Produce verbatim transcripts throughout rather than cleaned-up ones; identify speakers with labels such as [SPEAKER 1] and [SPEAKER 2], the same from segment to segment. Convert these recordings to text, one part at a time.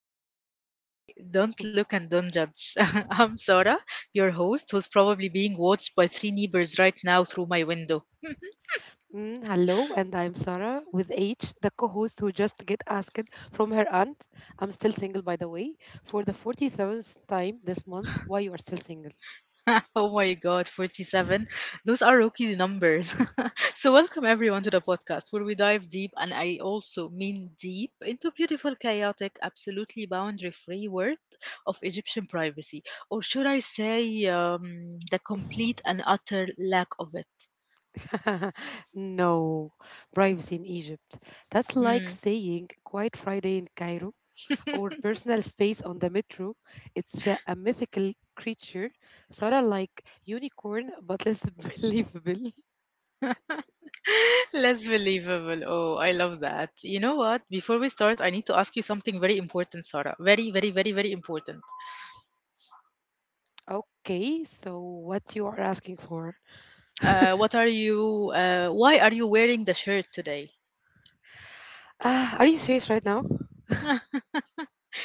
[SPEAKER 1] episode today. Don't look and don't judge. I'm Sarah, your host, who's probably being watched by three neighbors right now through my window.
[SPEAKER 2] Mm, hello, and I'm Sarah with H, the co-host who just get asked from her aunt. I'm still single, by the way, for the forty-seventh time this month. Why you are still single?
[SPEAKER 1] Oh my god, forty-seven. Those are rookie numbers. So, welcome everyone to the podcast where we dive deep, and I also mean deep, into beautiful, chaotic, absolutely boundary free world of Egyptian privacy. Or should I say, um, the complete and utter lack of it?
[SPEAKER 2] no, privacy in Egypt. That's like
[SPEAKER 1] Hmm.
[SPEAKER 2] saying Quiet Friday in Cairo or personal space on the metro. It's a, a mythical creature, sort of like unicorn, but less believable.
[SPEAKER 1] Less believable. Oh, I love that. You know what? Before we start, I need to ask you something very important, Sarah. Very, very, very, very important.
[SPEAKER 2] Okay, so what you are asking for?
[SPEAKER 1] Uh, what are you? Uh, why are you wearing the shirt today?
[SPEAKER 2] Ah, are you serious right now?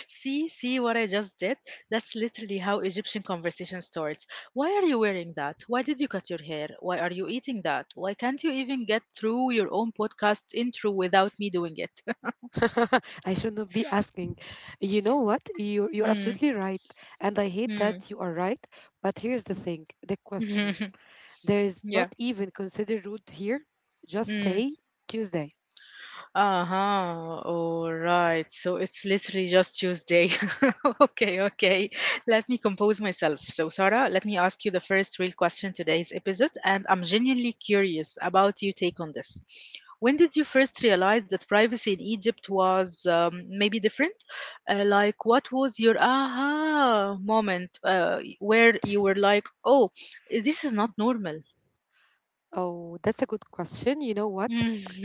[SPEAKER 1] see, see what I just did? That's literally how Egyptian conversation starts. Why are you wearing that? Why did you cut your hair? Why are you eating that? Why can't you even get through your own podcast intro without me doing it?
[SPEAKER 2] I should not be asking. You know what? You you're
[SPEAKER 1] mm,
[SPEAKER 2] absolutely right, and I hate
[SPEAKER 1] mm.
[SPEAKER 2] that you are right. But here's the thing: the question. There's not
[SPEAKER 1] yeah.
[SPEAKER 2] even considered rude here. Just
[SPEAKER 1] Hmm.
[SPEAKER 2] say Tuesday.
[SPEAKER 1] Uh-huh. All right. So it's literally just Tuesday. Okay, okay. Let me compose myself. So, Sarah, let me ask you the first real question today's episode, and I'm genuinely curious about your take on this. When did you first realize that privacy in Egypt was um, maybe different? Uh, like, what was your aha moment uh, where you were like, oh, this is not normal?
[SPEAKER 2] Oh, that's a good question. You know what?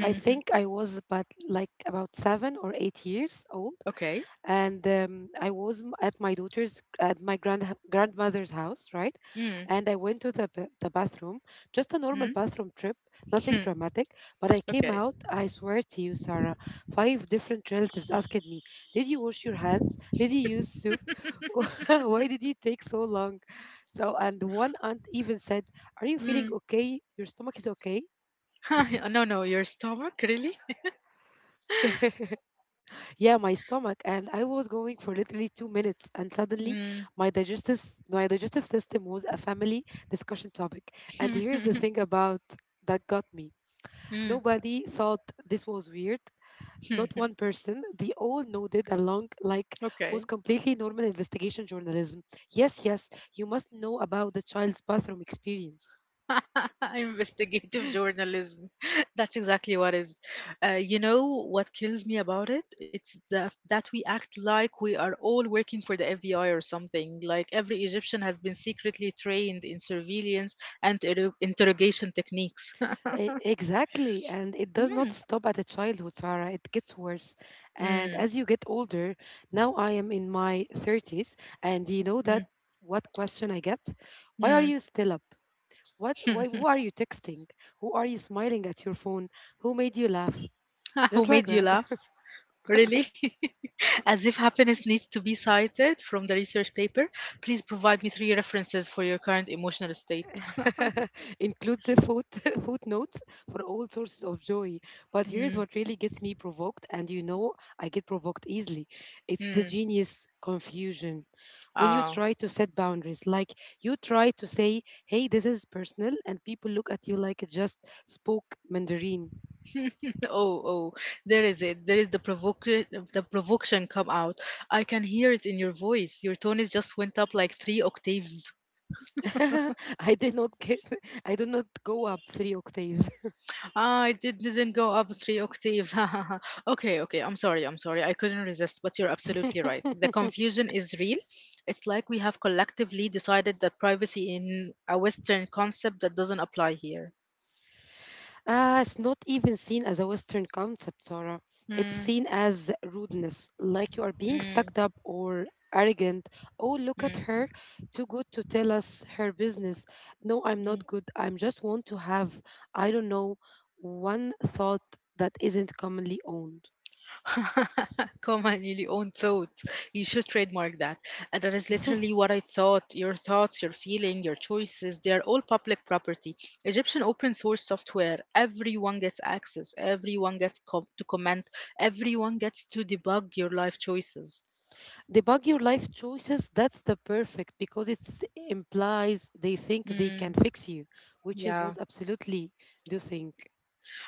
[SPEAKER 2] I think I was about like about seven or eight years old.
[SPEAKER 1] Okay.
[SPEAKER 2] And um, I was m- at my daughter's at my grand grandmother's house, right?
[SPEAKER 1] Mm-hmm.
[SPEAKER 2] And I went to the ba- the bathroom, just a normal bathroom trip, nothing dramatic. But I came
[SPEAKER 1] Okay.
[SPEAKER 2] out. I swear to you, Sarah, five different relatives asked me, "Did you wash your hands? Did you use soup? Why did you take so long?" So, and one aunt even said, "Are you feeling
[SPEAKER 1] Mm.
[SPEAKER 2] okay? Your stomach is okay?"
[SPEAKER 1] No, no, your stomach, really?
[SPEAKER 2] Yeah, my stomach. And I was going for literally two minutes, and suddenly
[SPEAKER 1] Mm.
[SPEAKER 2] my digestive my digestive system was a family discussion topic. And here's the thing about that got me:
[SPEAKER 1] Mm.
[SPEAKER 2] nobody thought this was weird. Not one person. They all nodded along like was
[SPEAKER 1] Okay.
[SPEAKER 2] completely normal investigation journalism. Yes, yes, you must know about the child's bathroom experience.
[SPEAKER 1] Investigative journalism. That's exactly what is. Uh, you know what kills me about it? It's the, that we act like we are all working for the F B I or something. Like every Egyptian has been secretly trained in surveillance and inter- interrogation techniques.
[SPEAKER 2] E- Exactly. And it does not
[SPEAKER 1] mm,
[SPEAKER 2] stop at a childhood, Sarah. It gets worse. And
[SPEAKER 1] mm,
[SPEAKER 2] as you get older, now I am in my thirties, and you know that
[SPEAKER 1] mm,
[SPEAKER 2] what question I get? Why are
[SPEAKER 1] mm.
[SPEAKER 2] you still up? What, why, who are you texting? Who are you smiling at your phone? Who made you laugh? Just
[SPEAKER 1] Who
[SPEAKER 2] like
[SPEAKER 1] made you
[SPEAKER 2] that.
[SPEAKER 1] laugh? Really? As if happiness needs to be cited from the research paper, please provide me three references for your current emotional state.
[SPEAKER 2] includes the foot footnotes for all sources of joy. But here's
[SPEAKER 1] Mm,
[SPEAKER 2] what really gets me provoked, and you know I get provoked easily. It's the
[SPEAKER 1] mm,
[SPEAKER 2] genius confusion. When you
[SPEAKER 1] ah.
[SPEAKER 2] try to set boundaries, like you try to say, hey, this is personal, and people look at you like it just spoke Mandarin.
[SPEAKER 1] Oh, oh, there is it. There is the provoke the provocation come out. I can hear it in your voice. Your tone is just went up like three octaves.
[SPEAKER 2] I did not get I did not go up three octaves.
[SPEAKER 1] Ah, it did- didn't go up three octaves. Okay, okay. I'm sorry. I'm sorry. I couldn't resist, but you're absolutely right. The confusion is real. It's like we have collectively decided that privacy in a Western concept that doesn't apply here.
[SPEAKER 2] Uh, it's not even seen as a Western concept, Sarah. It's
[SPEAKER 1] Mm,
[SPEAKER 2] seen as rudeness, like you are being
[SPEAKER 1] mm,
[SPEAKER 2] stuck up or arrogant. Oh, look
[SPEAKER 1] mm,
[SPEAKER 2] at her, too good to tell us her business. No, I'm
[SPEAKER 1] mm.
[SPEAKER 2] not good. I am just want to have, I don't know, one thought that isn't commonly owned.
[SPEAKER 1] Comma nearly own thoughts. You should trademark that. And that is literally what I thought. Your thoughts, your feeling, your choices, they are all public property. Egyptian open source software. Everyone gets access. Everyone gets com- to comment. Everyone gets to debug your life choices.
[SPEAKER 2] Debug your life choices, that's the perfect because it implies they think they can
[SPEAKER 1] Mm,
[SPEAKER 2] fix you, which is
[SPEAKER 1] yeah.
[SPEAKER 2] was absolutely do think.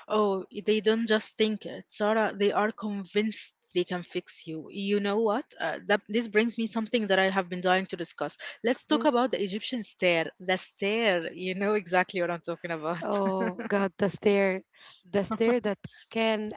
[SPEAKER 1] Oh, they don't just think it, Sarah. They are convinced they can fix you. You know what? Uh, that this brings me something that I have been dying to discuss. Let's talk
[SPEAKER 2] Hmm?
[SPEAKER 1] about the Egyptian stare. The stare. You know exactly what I'm talking about.
[SPEAKER 2] Oh God, the stare, the stare that can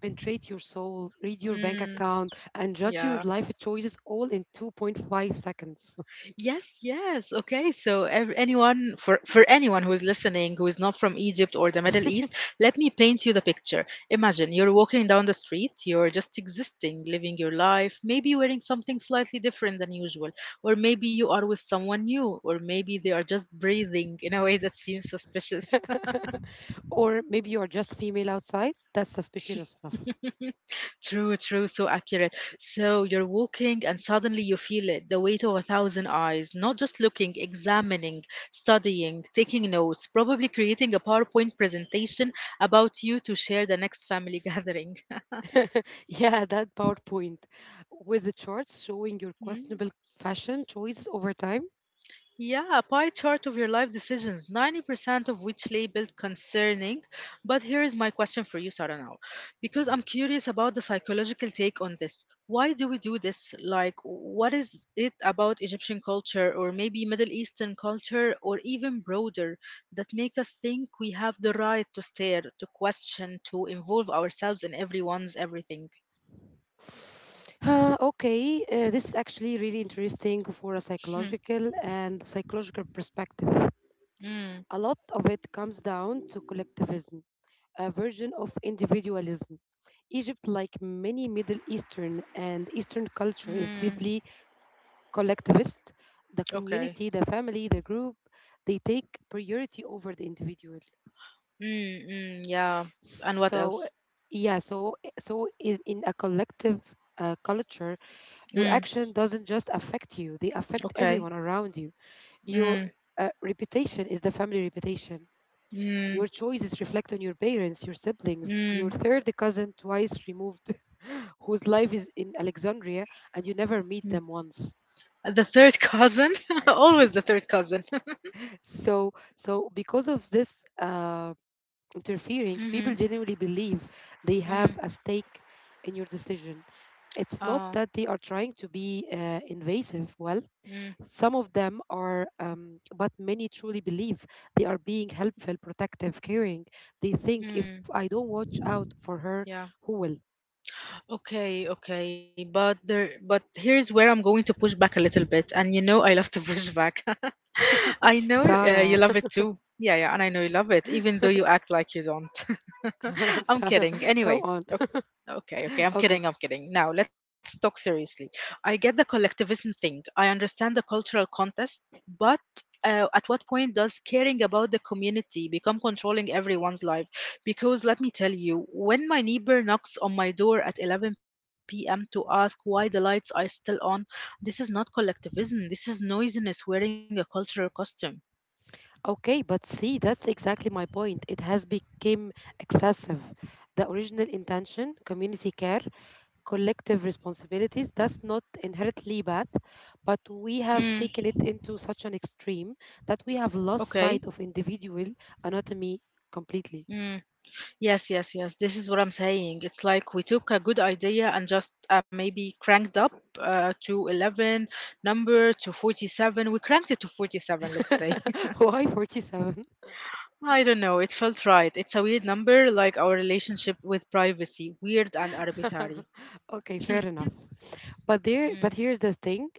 [SPEAKER 2] penetrate your soul, read your bank
[SPEAKER 1] Mm,
[SPEAKER 2] account, and judge your
[SPEAKER 1] yeah.
[SPEAKER 2] life choices all in two point five seconds.
[SPEAKER 1] Yes, yes. Okay, so ev- anyone for for anyone who is listening who is not from Egypt or the Middle East, let me paint you the picture. Imagine you're walking down the street, you're just existing, living your life, maybe wearing something slightly different than usual, or maybe you are with someone new, or maybe they are just breathing in a way that seems suspicious.
[SPEAKER 2] Or maybe you are just female outside. That's suspicious enough.
[SPEAKER 1] True, true, so accurate. So you're walking and suddenly you feel it, the weight of a thousand eyes, not just looking, examining, studying, taking notes, probably creating a PowerPoint presentation about you to share the next family gathering.
[SPEAKER 2] Yeah, that PowerPoint with the charts showing your
[SPEAKER 1] Mm.
[SPEAKER 2] questionable fashion choices over time.
[SPEAKER 1] Yeah, a pie chart of your life decisions, ninety percent of which labeled concerning. But here is my question for you, Sarah, now, because I'm curious about the psychological take on this. Why do we do this? Like, what is it about Egyptian culture, or maybe Middle Eastern culture, or even broader, that make us think we have the right to stare, to question, to involve ourselves in everyone's everything?
[SPEAKER 2] Uh, okay, uh, this is actually really interesting for a
[SPEAKER 1] Hmm,
[SPEAKER 2] psychological and psychological perspective.
[SPEAKER 1] mm,
[SPEAKER 2] A lot of it comes down to collectivism, a version of individualism. Egypt, like many Middle Eastern and Eastern culture, is
[SPEAKER 1] mm,
[SPEAKER 2] deeply collectivist, the
[SPEAKER 1] okay.
[SPEAKER 2] community, the family, the group, they take priority over the individual.
[SPEAKER 1] Mm, mm, yeah. And what
[SPEAKER 2] So,
[SPEAKER 1] else?
[SPEAKER 2] yeah, so so in, in a collective uh, culture, your
[SPEAKER 1] Hmm.
[SPEAKER 2] action doesn't just affect you; they affect
[SPEAKER 1] Okay.
[SPEAKER 2] everyone around you. Your
[SPEAKER 1] Mm,
[SPEAKER 2] uh, reputation is the family reputation. Your
[SPEAKER 1] mm,
[SPEAKER 2] choices reflect on your parents, your siblings, your
[SPEAKER 1] mm,
[SPEAKER 2] third cousin twice removed, whose life is in Alexandria, and you never meet
[SPEAKER 1] mm.
[SPEAKER 2] them once.
[SPEAKER 1] The third cousin? Always the third cousin.
[SPEAKER 2] So, so because of this. Uh, interfering, people
[SPEAKER 1] Mm-hmm.
[SPEAKER 2] genuinely believe they have
[SPEAKER 1] Mm.
[SPEAKER 2] a stake in your decision. It's not
[SPEAKER 1] Oh.
[SPEAKER 2] that they are trying to be uh, invasive. Well,
[SPEAKER 1] Mm.
[SPEAKER 2] some of them are, um, but many truly believe they are being helpful, protective, caring. They think if I
[SPEAKER 1] Mm.
[SPEAKER 2] don't watch out for her, who
[SPEAKER 1] Yeah.
[SPEAKER 2] will?
[SPEAKER 1] Okay, okay. But there but here's where I'm going to push back a little bit. And you know I love to push back. I know uh, you
[SPEAKER 2] Sarah.
[SPEAKER 1] love it too. Yeah, yeah, and I know you love it, even though you act like you don't. I'm
[SPEAKER 2] Sarah,
[SPEAKER 1] kidding.
[SPEAKER 2] come
[SPEAKER 1] Anyway,
[SPEAKER 2] on.
[SPEAKER 1] o- okay, okay, I'm
[SPEAKER 2] Okay.
[SPEAKER 1] kidding, I'm kidding. Now, let's talk seriously. I get the collectivism thing, I understand the cultural contest, but uh, at what point does caring about the community become controlling everyone's life? Because let me tell you, when my neighbor knocks on my door at eleven p m to ask why the lights are still on, this is not collectivism. This is noisiness wearing a cultural costume.
[SPEAKER 2] Okay, but see, that's exactly my point. It has become excessive. The original intention, community care, collective responsibilities. That's not inherently bad, but we
[SPEAKER 1] Mm,
[SPEAKER 2] have taken it into such an extreme that we have lost
[SPEAKER 1] okay.
[SPEAKER 2] sight of individual anatomy completely.
[SPEAKER 1] Mm. Yes, yes, yes. This is what I'm saying. It's like we took a good idea and just uh, maybe cranked up uh, to eleven number to forty-seven. We cranked it to forty-seven, let's say.
[SPEAKER 2] Why forty-seven?
[SPEAKER 1] I don't know. It felt right. It's a weird number, like our relationship with privacy, weird and arbitrary.
[SPEAKER 2] Okay, fair enough. But there
[SPEAKER 1] Mm,
[SPEAKER 2] but here's the thing.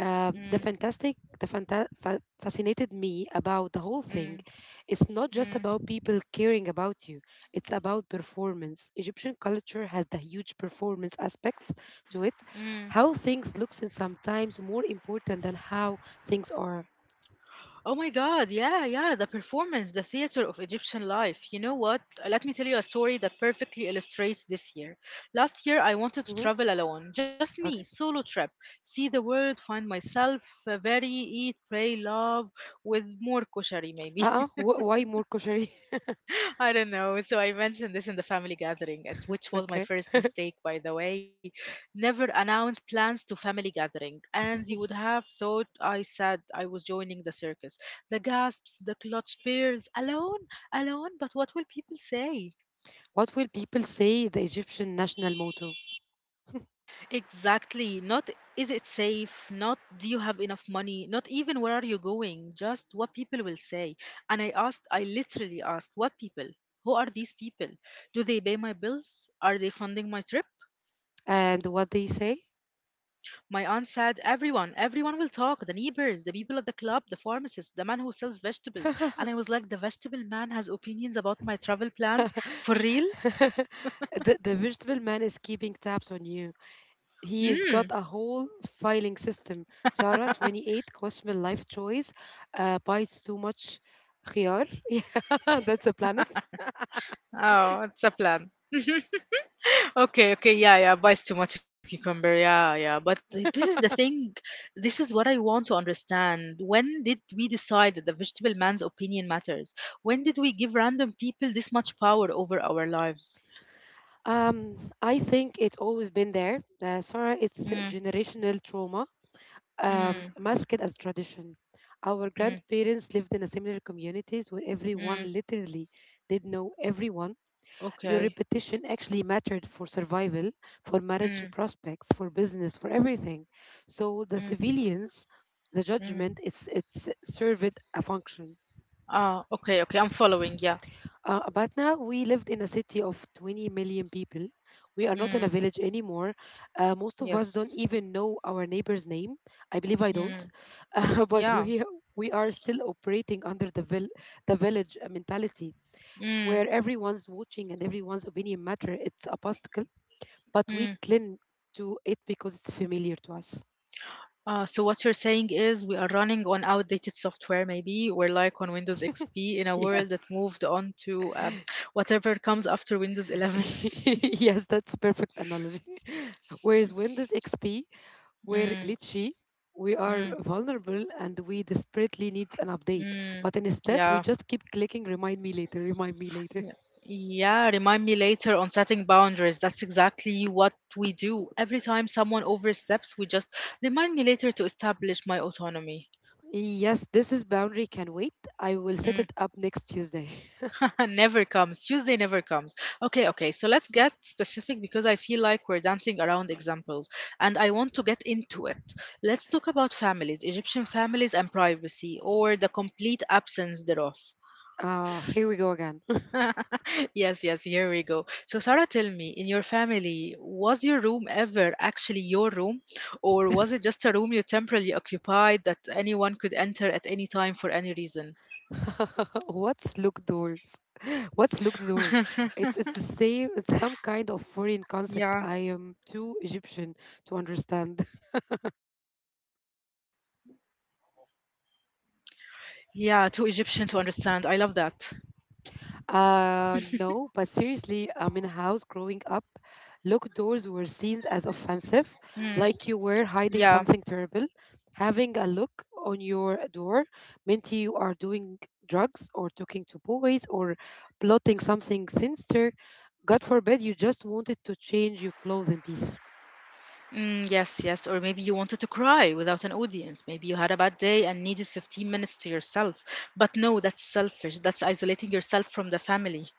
[SPEAKER 2] uh, the
[SPEAKER 1] mm,
[SPEAKER 2] fantastic the fanta- fa- fascinated me about the whole thing,
[SPEAKER 1] mm,
[SPEAKER 2] it's not just
[SPEAKER 1] mm,
[SPEAKER 2] about people caring about you, it's about performance. Egyptian culture has the huge performance aspect to it.
[SPEAKER 1] mm.
[SPEAKER 2] How things looks is sometimes more important than how things are.
[SPEAKER 1] Oh my God, yeah, yeah, the performance, the theater of Egyptian life. You know what? Let me tell you a story that perfectly illustrates this year. Last year, I wanted to
[SPEAKER 2] Mhm.
[SPEAKER 1] travel alone, just me,
[SPEAKER 2] Okay.
[SPEAKER 1] solo trip, see the world, find myself, uh, very eat, pray, love, with more koshari maybe.
[SPEAKER 2] Uh-uh Wh- why more kosher?
[SPEAKER 1] I don't know. So I mentioned this in the family gathering, at which was
[SPEAKER 2] Okay,
[SPEAKER 1] my first mistake, by the way. Never announce plans to family gathering, and you would have thought I said I was joining the circus. The gasps, the clutch peers, alone, alone. But what will people say?
[SPEAKER 2] what will people say, the Egyptian national motto.
[SPEAKER 1] Exactly. Not is it safe? Not do you have enough money? Not even where are you going? Just what people will say. And I asked, I literally asked, what people? Who are these people? Do they pay my bills? Are they funding my trip?
[SPEAKER 2] And what they say?
[SPEAKER 1] My aunt said, everyone, everyone will talk the neighbors, the people at the club, the pharmacist, the man who sells vegetables.
[SPEAKER 2] the,
[SPEAKER 1] And I was like, the vegetable man has opinions about my travel plans? For real?
[SPEAKER 2] the vegetable man is keeping tabs on you. He's
[SPEAKER 1] Mm.
[SPEAKER 2] got a whole filing system. Sarah, twenty-eight, questionable life choice, uh, bites too much khiyar. Yeah, that's a planet.
[SPEAKER 1] Oh, it's a plan. Okay, okay, yeah, yeah, buys too much cucumber, yeah, yeah. But th- this is the thing, this is what I want to understand. When did we decide that the vegetable man's opinion matters? When did we give random people this much power over our lives?
[SPEAKER 2] Um, I think it's always been there. Uh, Sarah, it's
[SPEAKER 1] Mm,
[SPEAKER 2] generational trauma
[SPEAKER 1] mm,
[SPEAKER 2] um, masked as tradition. Our
[SPEAKER 1] mm,
[SPEAKER 2] grandparents lived in a similar communities where everyone
[SPEAKER 1] mm.
[SPEAKER 2] literally did know everyone. Your
[SPEAKER 1] Okay,
[SPEAKER 2] repetition actually mattered for survival, for marriage
[SPEAKER 1] mm,
[SPEAKER 2] prospects, for business, for everything. So the
[SPEAKER 1] mm,
[SPEAKER 2] civilians, the
[SPEAKER 1] mm.
[SPEAKER 2] judgment, it's it's served a function.
[SPEAKER 1] Ah, okay, okay. I'm following. Yeah.
[SPEAKER 2] Uh, but now we lived in a city of twenty million people. We are not in a
[SPEAKER 1] Mm,
[SPEAKER 2] village anymore. Uh, most of
[SPEAKER 1] yes.
[SPEAKER 2] us don't even know our neighbor's name. I believe I
[SPEAKER 1] Mm,
[SPEAKER 2] don't. Uh, but
[SPEAKER 1] yeah.
[SPEAKER 2] we we are still operating under the vil- the village uh, mentality where
[SPEAKER 1] Mm,
[SPEAKER 2] everyone's watching and everyone's opinion matter. It's a obstacle, but we
[SPEAKER 1] mm.
[SPEAKER 2] cling to it because it's familiar to us.
[SPEAKER 1] Uh, so what you're saying is we are running on outdated software, maybe. We're like on Windows X P in a
[SPEAKER 2] Yeah.
[SPEAKER 1] world that moved on to um, whatever comes after Windows eleven.
[SPEAKER 2] Yes, that's perfect analogy. Whereas Windows X P, we're
[SPEAKER 1] Mm,
[SPEAKER 2] glitchy, we are
[SPEAKER 1] mm,
[SPEAKER 2] vulnerable, and we desperately need an update.
[SPEAKER 1] mm.
[SPEAKER 2] But instead, we
[SPEAKER 1] Yeah.
[SPEAKER 2] just keep clicking remind me later, remind me later.
[SPEAKER 1] Yeah. Yeah, remind me later on setting boundaries. That's exactly what we do. Every time someone oversteps, we just remind me later to establish my autonomy.
[SPEAKER 2] Yes, this is boundary can wait. I will set
[SPEAKER 1] Mm,
[SPEAKER 2] it up next Tuesday.
[SPEAKER 1] never comes. Tuesday never comes. Okay, okay. So let's get specific because I feel like we're dancing around examples and I want to get into it. Let's talk about families, Egyptian families and privacy, or the complete absence thereof.
[SPEAKER 2] Uh, here we go again.
[SPEAKER 1] Yes, yes, here we go. So, Sarah, tell me, in your family, was your room ever actually your room, or was it just a room you temporarily occupied that anyone could enter at any time for any reason?
[SPEAKER 2] What's locked doors? What's locked doors? It's it's the same. It's some kind of foreign concept.
[SPEAKER 1] yeah.
[SPEAKER 2] I am too Egyptian to understand.
[SPEAKER 1] Yeah, too Egyptian to understand. I love that.
[SPEAKER 2] Uh, no, but seriously, um, in a house growing up, locked doors were seen as
[SPEAKER 1] Mm,
[SPEAKER 2] offensive, like you
[SPEAKER 1] yeah.
[SPEAKER 2] were hiding something terrible. Having a look on your door meant you are doing drugs or talking to boys or plotting something sinister. God forbid you just wanted to change your clothes in peace.
[SPEAKER 1] Mm, yes, yes. Or maybe you wanted to cry without an audience. Maybe you had a bad day and needed fifteen minutes to yourself. But no, that's selfish. That's isolating yourself from the family.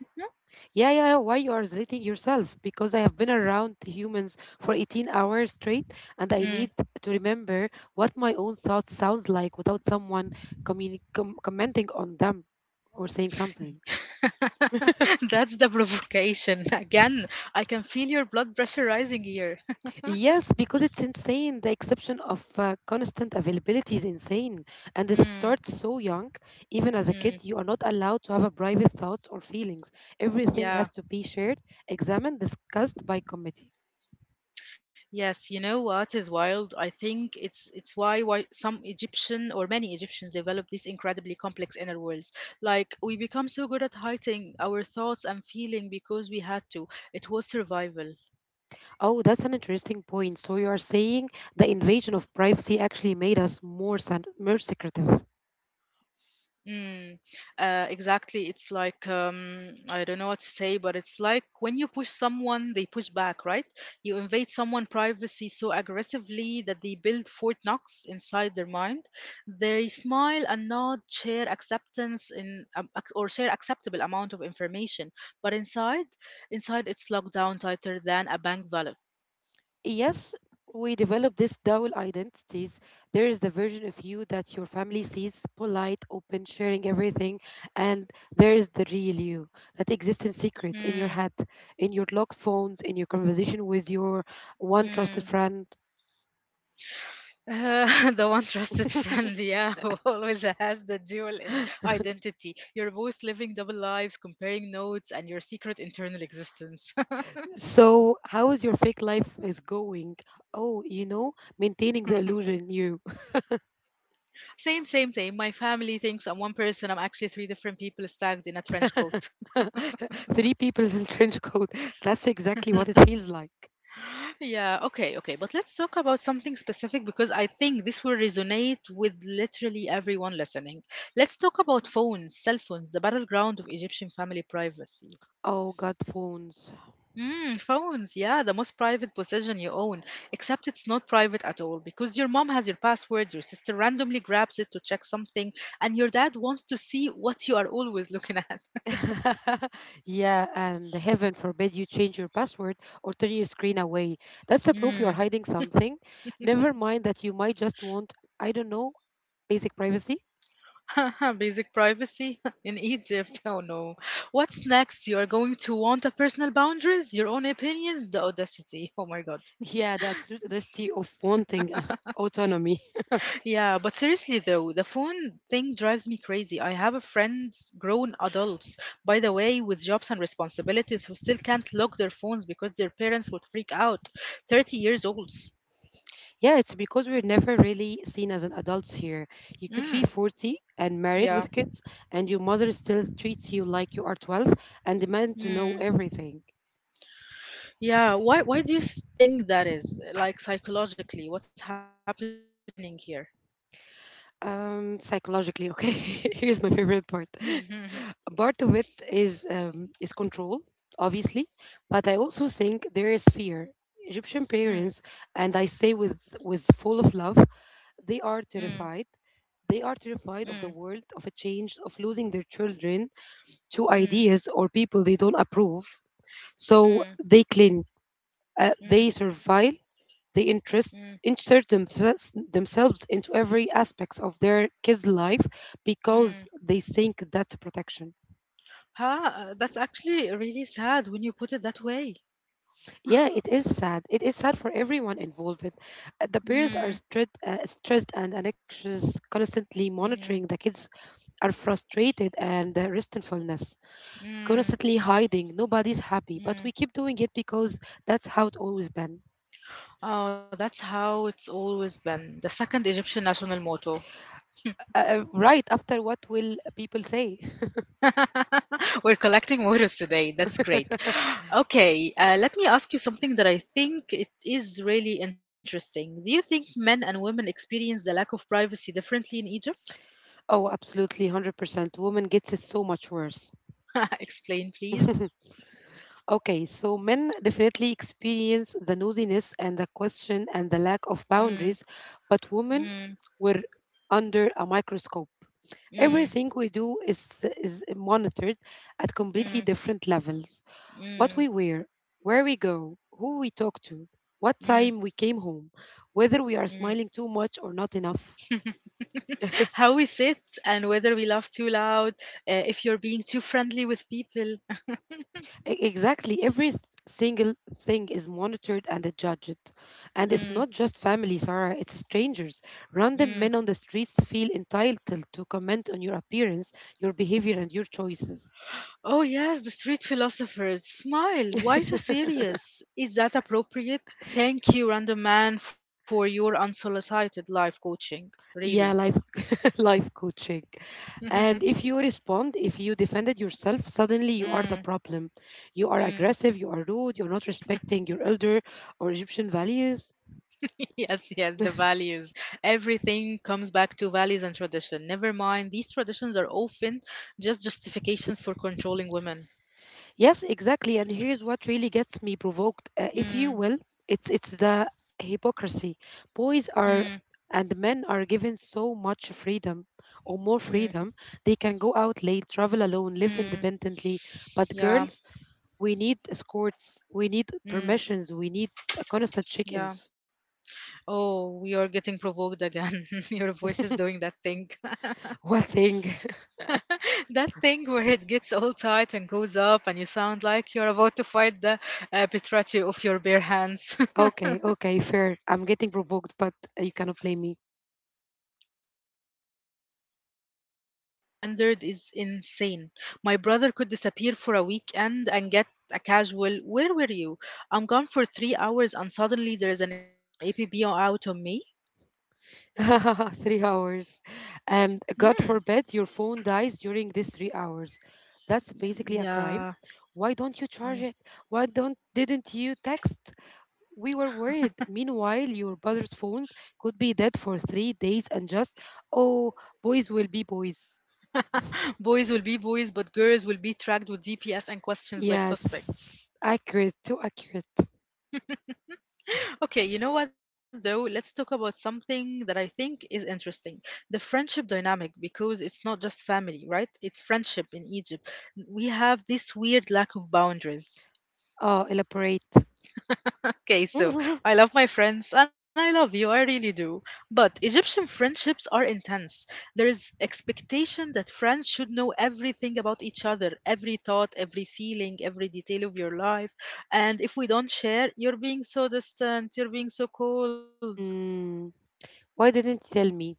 [SPEAKER 2] Yeah, yeah, yeah. Why you are slating yourself? Because I have been around humans for eighteen hours straight, and I
[SPEAKER 1] Mm.
[SPEAKER 2] need to remember what my own thoughts sounds like without someone communi- com- commenting on them or saying something.
[SPEAKER 1] That's the provocation. Again, I can feel your blood pressure rising here.
[SPEAKER 2] Yes, because it's insane. The exception of uh, constant availability is insane, and it
[SPEAKER 1] Mm,
[SPEAKER 2] starts so young. Even as a
[SPEAKER 1] mm,
[SPEAKER 2] kid, you are not allowed to have a private thoughts or feelings. Everything has
[SPEAKER 1] yeah.
[SPEAKER 2] to be shared, examined, discussed by committee.
[SPEAKER 1] Yes, you know what is wild? I think it's it's why why some Egyptian or many Egyptians develop these incredibly complex inner worlds. Like we become so good at hiding our thoughts and feeling because we had to. It was survival.
[SPEAKER 2] Oh, that's an interesting point. So you are saying the invasion of privacy actually made us more san- more secretive.
[SPEAKER 1] Mm, uh, exactly. It's like um, I don't know what to say, but it's like when you push someone, they push back, right? You invade someone' privacy so aggressively that they build Fort Knox inside their mind. They smile and nod, share acceptance in um, ac- or share acceptable amount of information, but inside, inside it's locked down tighter than a bank vault.
[SPEAKER 2] Yes, we develop these dual identities. There is the version of you that your family sees, polite, open, sharing everything, and there is the real you that exists in secret, in your
[SPEAKER 1] Mm,
[SPEAKER 2] head, in your locked phones, in your conversation with your one trusted
[SPEAKER 1] mm.
[SPEAKER 2] friend.
[SPEAKER 1] Uh, the one trusted friend, yeah, who always has the dual in identity. You're both living double lives, comparing notes, and your secret internal existence.
[SPEAKER 2] So, how is your fake life is going? Oh, you know, maintaining the illusion you.
[SPEAKER 1] Same, same, same. My family thinks I'm one person. I'm actually three different people stacked in a trench coat.
[SPEAKER 2] Three people in trench coat. That's exactly what it feels like.
[SPEAKER 1] Yeah, okay, okay. But let's talk about something specific because I think this will resonate with literally everyone listening. Let's talk about phones, cell phones, the battleground of Egyptian family privacy.
[SPEAKER 2] Oh God, phones.
[SPEAKER 1] Mm, phones, yeah, the most private possession you own. Except it's not private at all because your mom has your password, your sister randomly grabs it to check something, and your dad wants to see what you are always looking at.
[SPEAKER 2] Yeah, and heaven forbid you change your password or turn your screen away. That's the proof you are
[SPEAKER 1] Mm.
[SPEAKER 2] hiding something. Never mind that you might just want, I don't know, basic privacy.
[SPEAKER 1] Basic privacy in Egypt. Oh no. What's next? You are going to want a personal boundaries, your own opinions, the audacity. Oh my god.
[SPEAKER 2] Yeah, the absolute audacity of wanting autonomy.
[SPEAKER 1] Yeah, but seriously though, the phone thing drives me crazy. I have a friends, grown adults, by the way, with jobs and responsibilities who still can't lock their phones because their parents would freak out. thirty years olds.
[SPEAKER 2] Yeah, it's because we're never really seen as an adults here. You could be
[SPEAKER 1] Mm,
[SPEAKER 2] forty and married
[SPEAKER 1] yeah.
[SPEAKER 2] with kids, and your mother still treats you like you are twelve and demand to know
[SPEAKER 1] Mm,
[SPEAKER 2] everything.
[SPEAKER 1] yeah, why why do you s- think that is? Like psychologically, what's happening here?
[SPEAKER 2] Um, psychologically, okay. Here's my favorite part. Part of it is um, is control, obviously, but I also think there is fear. Egyptian
[SPEAKER 1] Mm,
[SPEAKER 2] parents, and I say with with full of love, they are
[SPEAKER 1] mm,
[SPEAKER 2] terrified. They are
[SPEAKER 1] mm,
[SPEAKER 2] terrified
[SPEAKER 1] mm,
[SPEAKER 2] of the world, of a change, of losing their children to
[SPEAKER 1] mm,
[SPEAKER 2] ideas or people they don't approve.
[SPEAKER 1] mm,
[SPEAKER 2] So
[SPEAKER 1] mm,
[SPEAKER 2] they cling, uh,
[SPEAKER 1] mm,
[SPEAKER 2] they survive, they interest
[SPEAKER 1] mm.
[SPEAKER 2] insert themselves, themselves into every aspects of their kids' life because
[SPEAKER 1] Mm.
[SPEAKER 2] they think that's protection.
[SPEAKER 1] Huh? Uh, That's actually really sad when you put it that way.
[SPEAKER 2] Yeah, it is sad. It is sad for everyone involved. Uh, The parents
[SPEAKER 1] Mm,
[SPEAKER 2] are stressed, uh, stressed and anxious, constantly monitoring.
[SPEAKER 1] mm.
[SPEAKER 2] The kids are frustrated and uh, resentfulness,
[SPEAKER 1] Mm,
[SPEAKER 2] constantly hiding. Nobody's happy, but
[SPEAKER 1] mm.
[SPEAKER 2] we keep doing it because that's how it always been.
[SPEAKER 1] Oh, that's how it's always been. The second Egyptian national motto.
[SPEAKER 2] Uh, uh, right after what will people say?
[SPEAKER 1] We're collecting mottos today. That's great. Okay, uh, let me ask you something that I think it is really interesting. Do you think men and women experience the lack of privacy differently in Egypt?
[SPEAKER 2] Oh, absolutely, hundred percent. Woman gets it so much worse.
[SPEAKER 1] Explain, please.
[SPEAKER 2] Okay, so men definitely experience the nosiness and the question and the lack of
[SPEAKER 1] Mm,
[SPEAKER 2] boundaries, but women
[SPEAKER 1] mm,
[SPEAKER 2] were under a microscope.
[SPEAKER 1] mm,
[SPEAKER 2] Everything we do is, is monitored at completely
[SPEAKER 1] mm,
[SPEAKER 2] different levels. What
[SPEAKER 1] mm,
[SPEAKER 2] we wear, where we go, who we talk to, what
[SPEAKER 1] mm,
[SPEAKER 2] time we came home, whether
[SPEAKER 1] mm.
[SPEAKER 2] we are smiling too much or not enough.
[SPEAKER 1] How we sit and whether we laugh too loud, uh, if you're being too friendly with people.
[SPEAKER 2] E- Exactly. Every s- single thing is monitored and judged. And it's not just family, Sarah, it's strangers. Random
[SPEAKER 1] Mm.
[SPEAKER 2] men on the streets feel entitled to comment on your appearance, your behavior, and your choices.
[SPEAKER 1] Oh, yes, the street philosophers. Smile. Why so serious? Is that appropriate? Thank you, random man, for your unsolicited life coaching. Really.
[SPEAKER 2] Yeah, life life coaching. And if you respond, if you defended yourself, suddenly you are the
[SPEAKER 1] Mm.
[SPEAKER 2] problem. You are
[SPEAKER 1] Mm.
[SPEAKER 2] aggressive, you are rude, you're not respecting your elder or Egyptian values.
[SPEAKER 1] Yes, yes, the values. Everything comes back to values and tradition. Never mind, these traditions are often just justifications for controlling women.
[SPEAKER 2] Yes, exactly. And here's what really gets me provoked, uh, if you
[SPEAKER 1] Mm.
[SPEAKER 2] will. It's it's the hypocrisy. Boys are
[SPEAKER 1] Mm.
[SPEAKER 2] and men are given so much freedom or more
[SPEAKER 1] Mm.
[SPEAKER 2] freedom. They can go out late, travel alone, live
[SPEAKER 1] Mm.
[SPEAKER 2] independently. But
[SPEAKER 1] Yeah.
[SPEAKER 2] girls, we need escorts, we need
[SPEAKER 1] Mm.
[SPEAKER 2] permissions, we need a constant
[SPEAKER 1] Yeah.
[SPEAKER 2] check-ins.
[SPEAKER 1] Oh, we are getting provoked again. Your voice is doing that thing.
[SPEAKER 2] What thing?
[SPEAKER 1] That thing where it gets all tight and goes up, and you sound like you're about to fight the uh, Petracci of your bare hands.
[SPEAKER 2] Okay, okay, fair. I'm getting provoked, but you cannot blame me.
[SPEAKER 1] Mhm. No, no, not even a little bit. You're completely right. The double standard is insane. My brother could disappear for a weekend and get a casual, "Where were you?" I'm gone for three hours, and suddenly there is an A P B out on me?
[SPEAKER 2] Three hours. And
[SPEAKER 1] Mm.
[SPEAKER 2] God forbid your phone dies during these three hours. That's basically a
[SPEAKER 1] Yeah.
[SPEAKER 2] crime. Why don't you charge
[SPEAKER 1] Mm.
[SPEAKER 2] it? Why don't didn't you text? We were worried. Meanwhile, your brother's phones could be dead for three days and just oh boys will be boys.
[SPEAKER 1] Boys will be boys, but girls will be tracked with D P S and questions like
[SPEAKER 2] Yes.
[SPEAKER 1] suspects.
[SPEAKER 2] Accurate, too accurate.
[SPEAKER 1] Okay, you know what though? Let's talk about something that I think is interesting. The friendship dynamic, because it's not just family, right? It's friendship in Egypt. N- We have this weird lack of boundaries.
[SPEAKER 2] Oh, elaborate.
[SPEAKER 1] Okay, so I love my friends and I love you, I really do. But Egyptian friendships are intense. There is expectation that friends should know everything about each other, every thought, every feeling, every detail of your life. And if we don't share, you're being so distant, you're being so cold.
[SPEAKER 2] Mm, why didn't you tell me?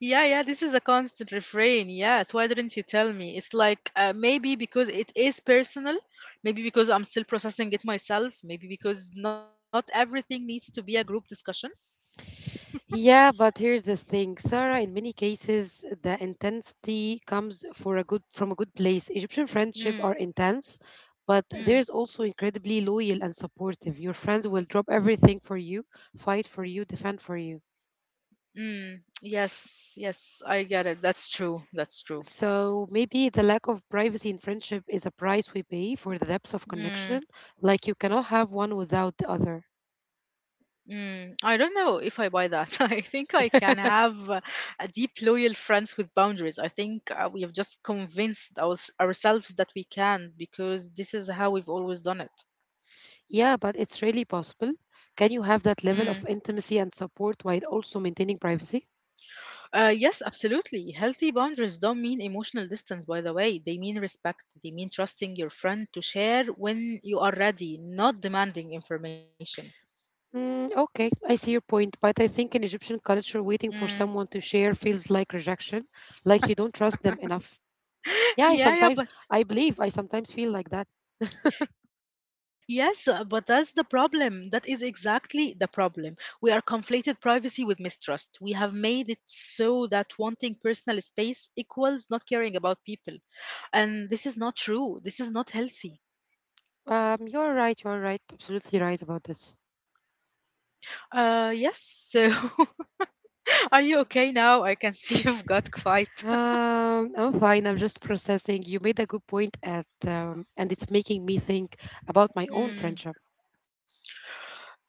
[SPEAKER 1] Yeah, yeah, this is a constant refrain. Yes, why didn't you tell me? It's like uh, maybe because it is personal, maybe because I'm still processing it myself, maybe because not everything needs to be a group discussion.
[SPEAKER 2] Yeah, but here's the thing, Sarah. In many cases, the intensity comes for a good from a good place. Egyptian friendship are
[SPEAKER 1] Mm,
[SPEAKER 2] intense, but
[SPEAKER 1] mm,
[SPEAKER 2] there's also incredibly loyal and supportive. Your friend will drop everything for you, fight for you, defend for you.
[SPEAKER 1] mm. Yes, yes, I get it. That's true. That's true.
[SPEAKER 2] So maybe the lack of privacy in friendship is a price we pay for the depths of connection.
[SPEAKER 1] Mm,
[SPEAKER 2] Like you cannot have one without the other.
[SPEAKER 1] mm. I don't know if I buy that. I think I can have uh, a deep, loyal friends with boundaries. I think uh, we have just convinced ours ourselves that we can because this is how we've always done it.
[SPEAKER 2] Yeah, but it's really possible. Can you have that
[SPEAKER 1] Mm.
[SPEAKER 2] level of intimacy and support while also maintaining privacy?
[SPEAKER 1] Uh, yes, absolutely. Healthy boundaries don't mean emotional distance, by the way. They mean respect. They mean trusting your friend to share when you are ready, not demanding information.
[SPEAKER 2] Mm, okay, I see your point, but I think in Egyptian culture, waiting for
[SPEAKER 1] Mm.
[SPEAKER 2] someone to share feels like rejection, like you don't trust them enough. Yeah, I
[SPEAKER 1] Yeah, yeah,
[SPEAKER 2] sometimes,
[SPEAKER 1] but
[SPEAKER 2] I believe I sometimes feel like that.
[SPEAKER 1] yes, uh, but that's the problem. That is exactly the problem. We are conflated privacy with mistrust. We have made it so that wanting personal space equals not caring about people. And this is not true. This is not healthy.
[SPEAKER 2] Um, you're right, you're right, absolutely right about this.
[SPEAKER 1] Uh, yes, so Are you okay now? I can see you've got quite.
[SPEAKER 2] Um, I'm fine, I'm just processing. You made a good point at, um, and it's making me think about my own friendship.
[SPEAKER 1] Mm.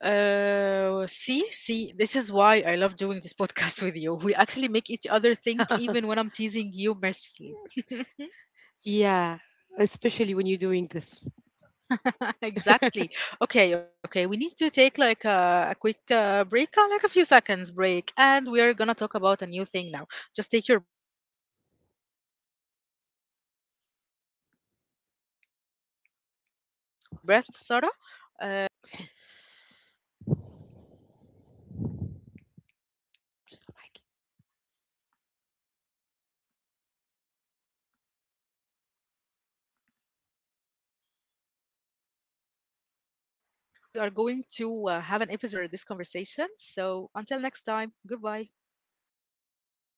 [SPEAKER 1] Uh, see, see, this is why I love doing this podcast with you. We actually make each other think, even when I'm teasing you mercilessly.
[SPEAKER 2] Yeah, especially when you're doing this.
[SPEAKER 1] Exactly. Okay, okay. We need to take like a, a quick uh, break, uh, like a few seconds break, and we're gonna talk about a new thing now. Just take your breath, Sarah, uh, because the next question is going to be on the roof. All right. So, okay. So, Sarah, uh, we are going to uh, have
[SPEAKER 2] Bye.
[SPEAKER 1] an episode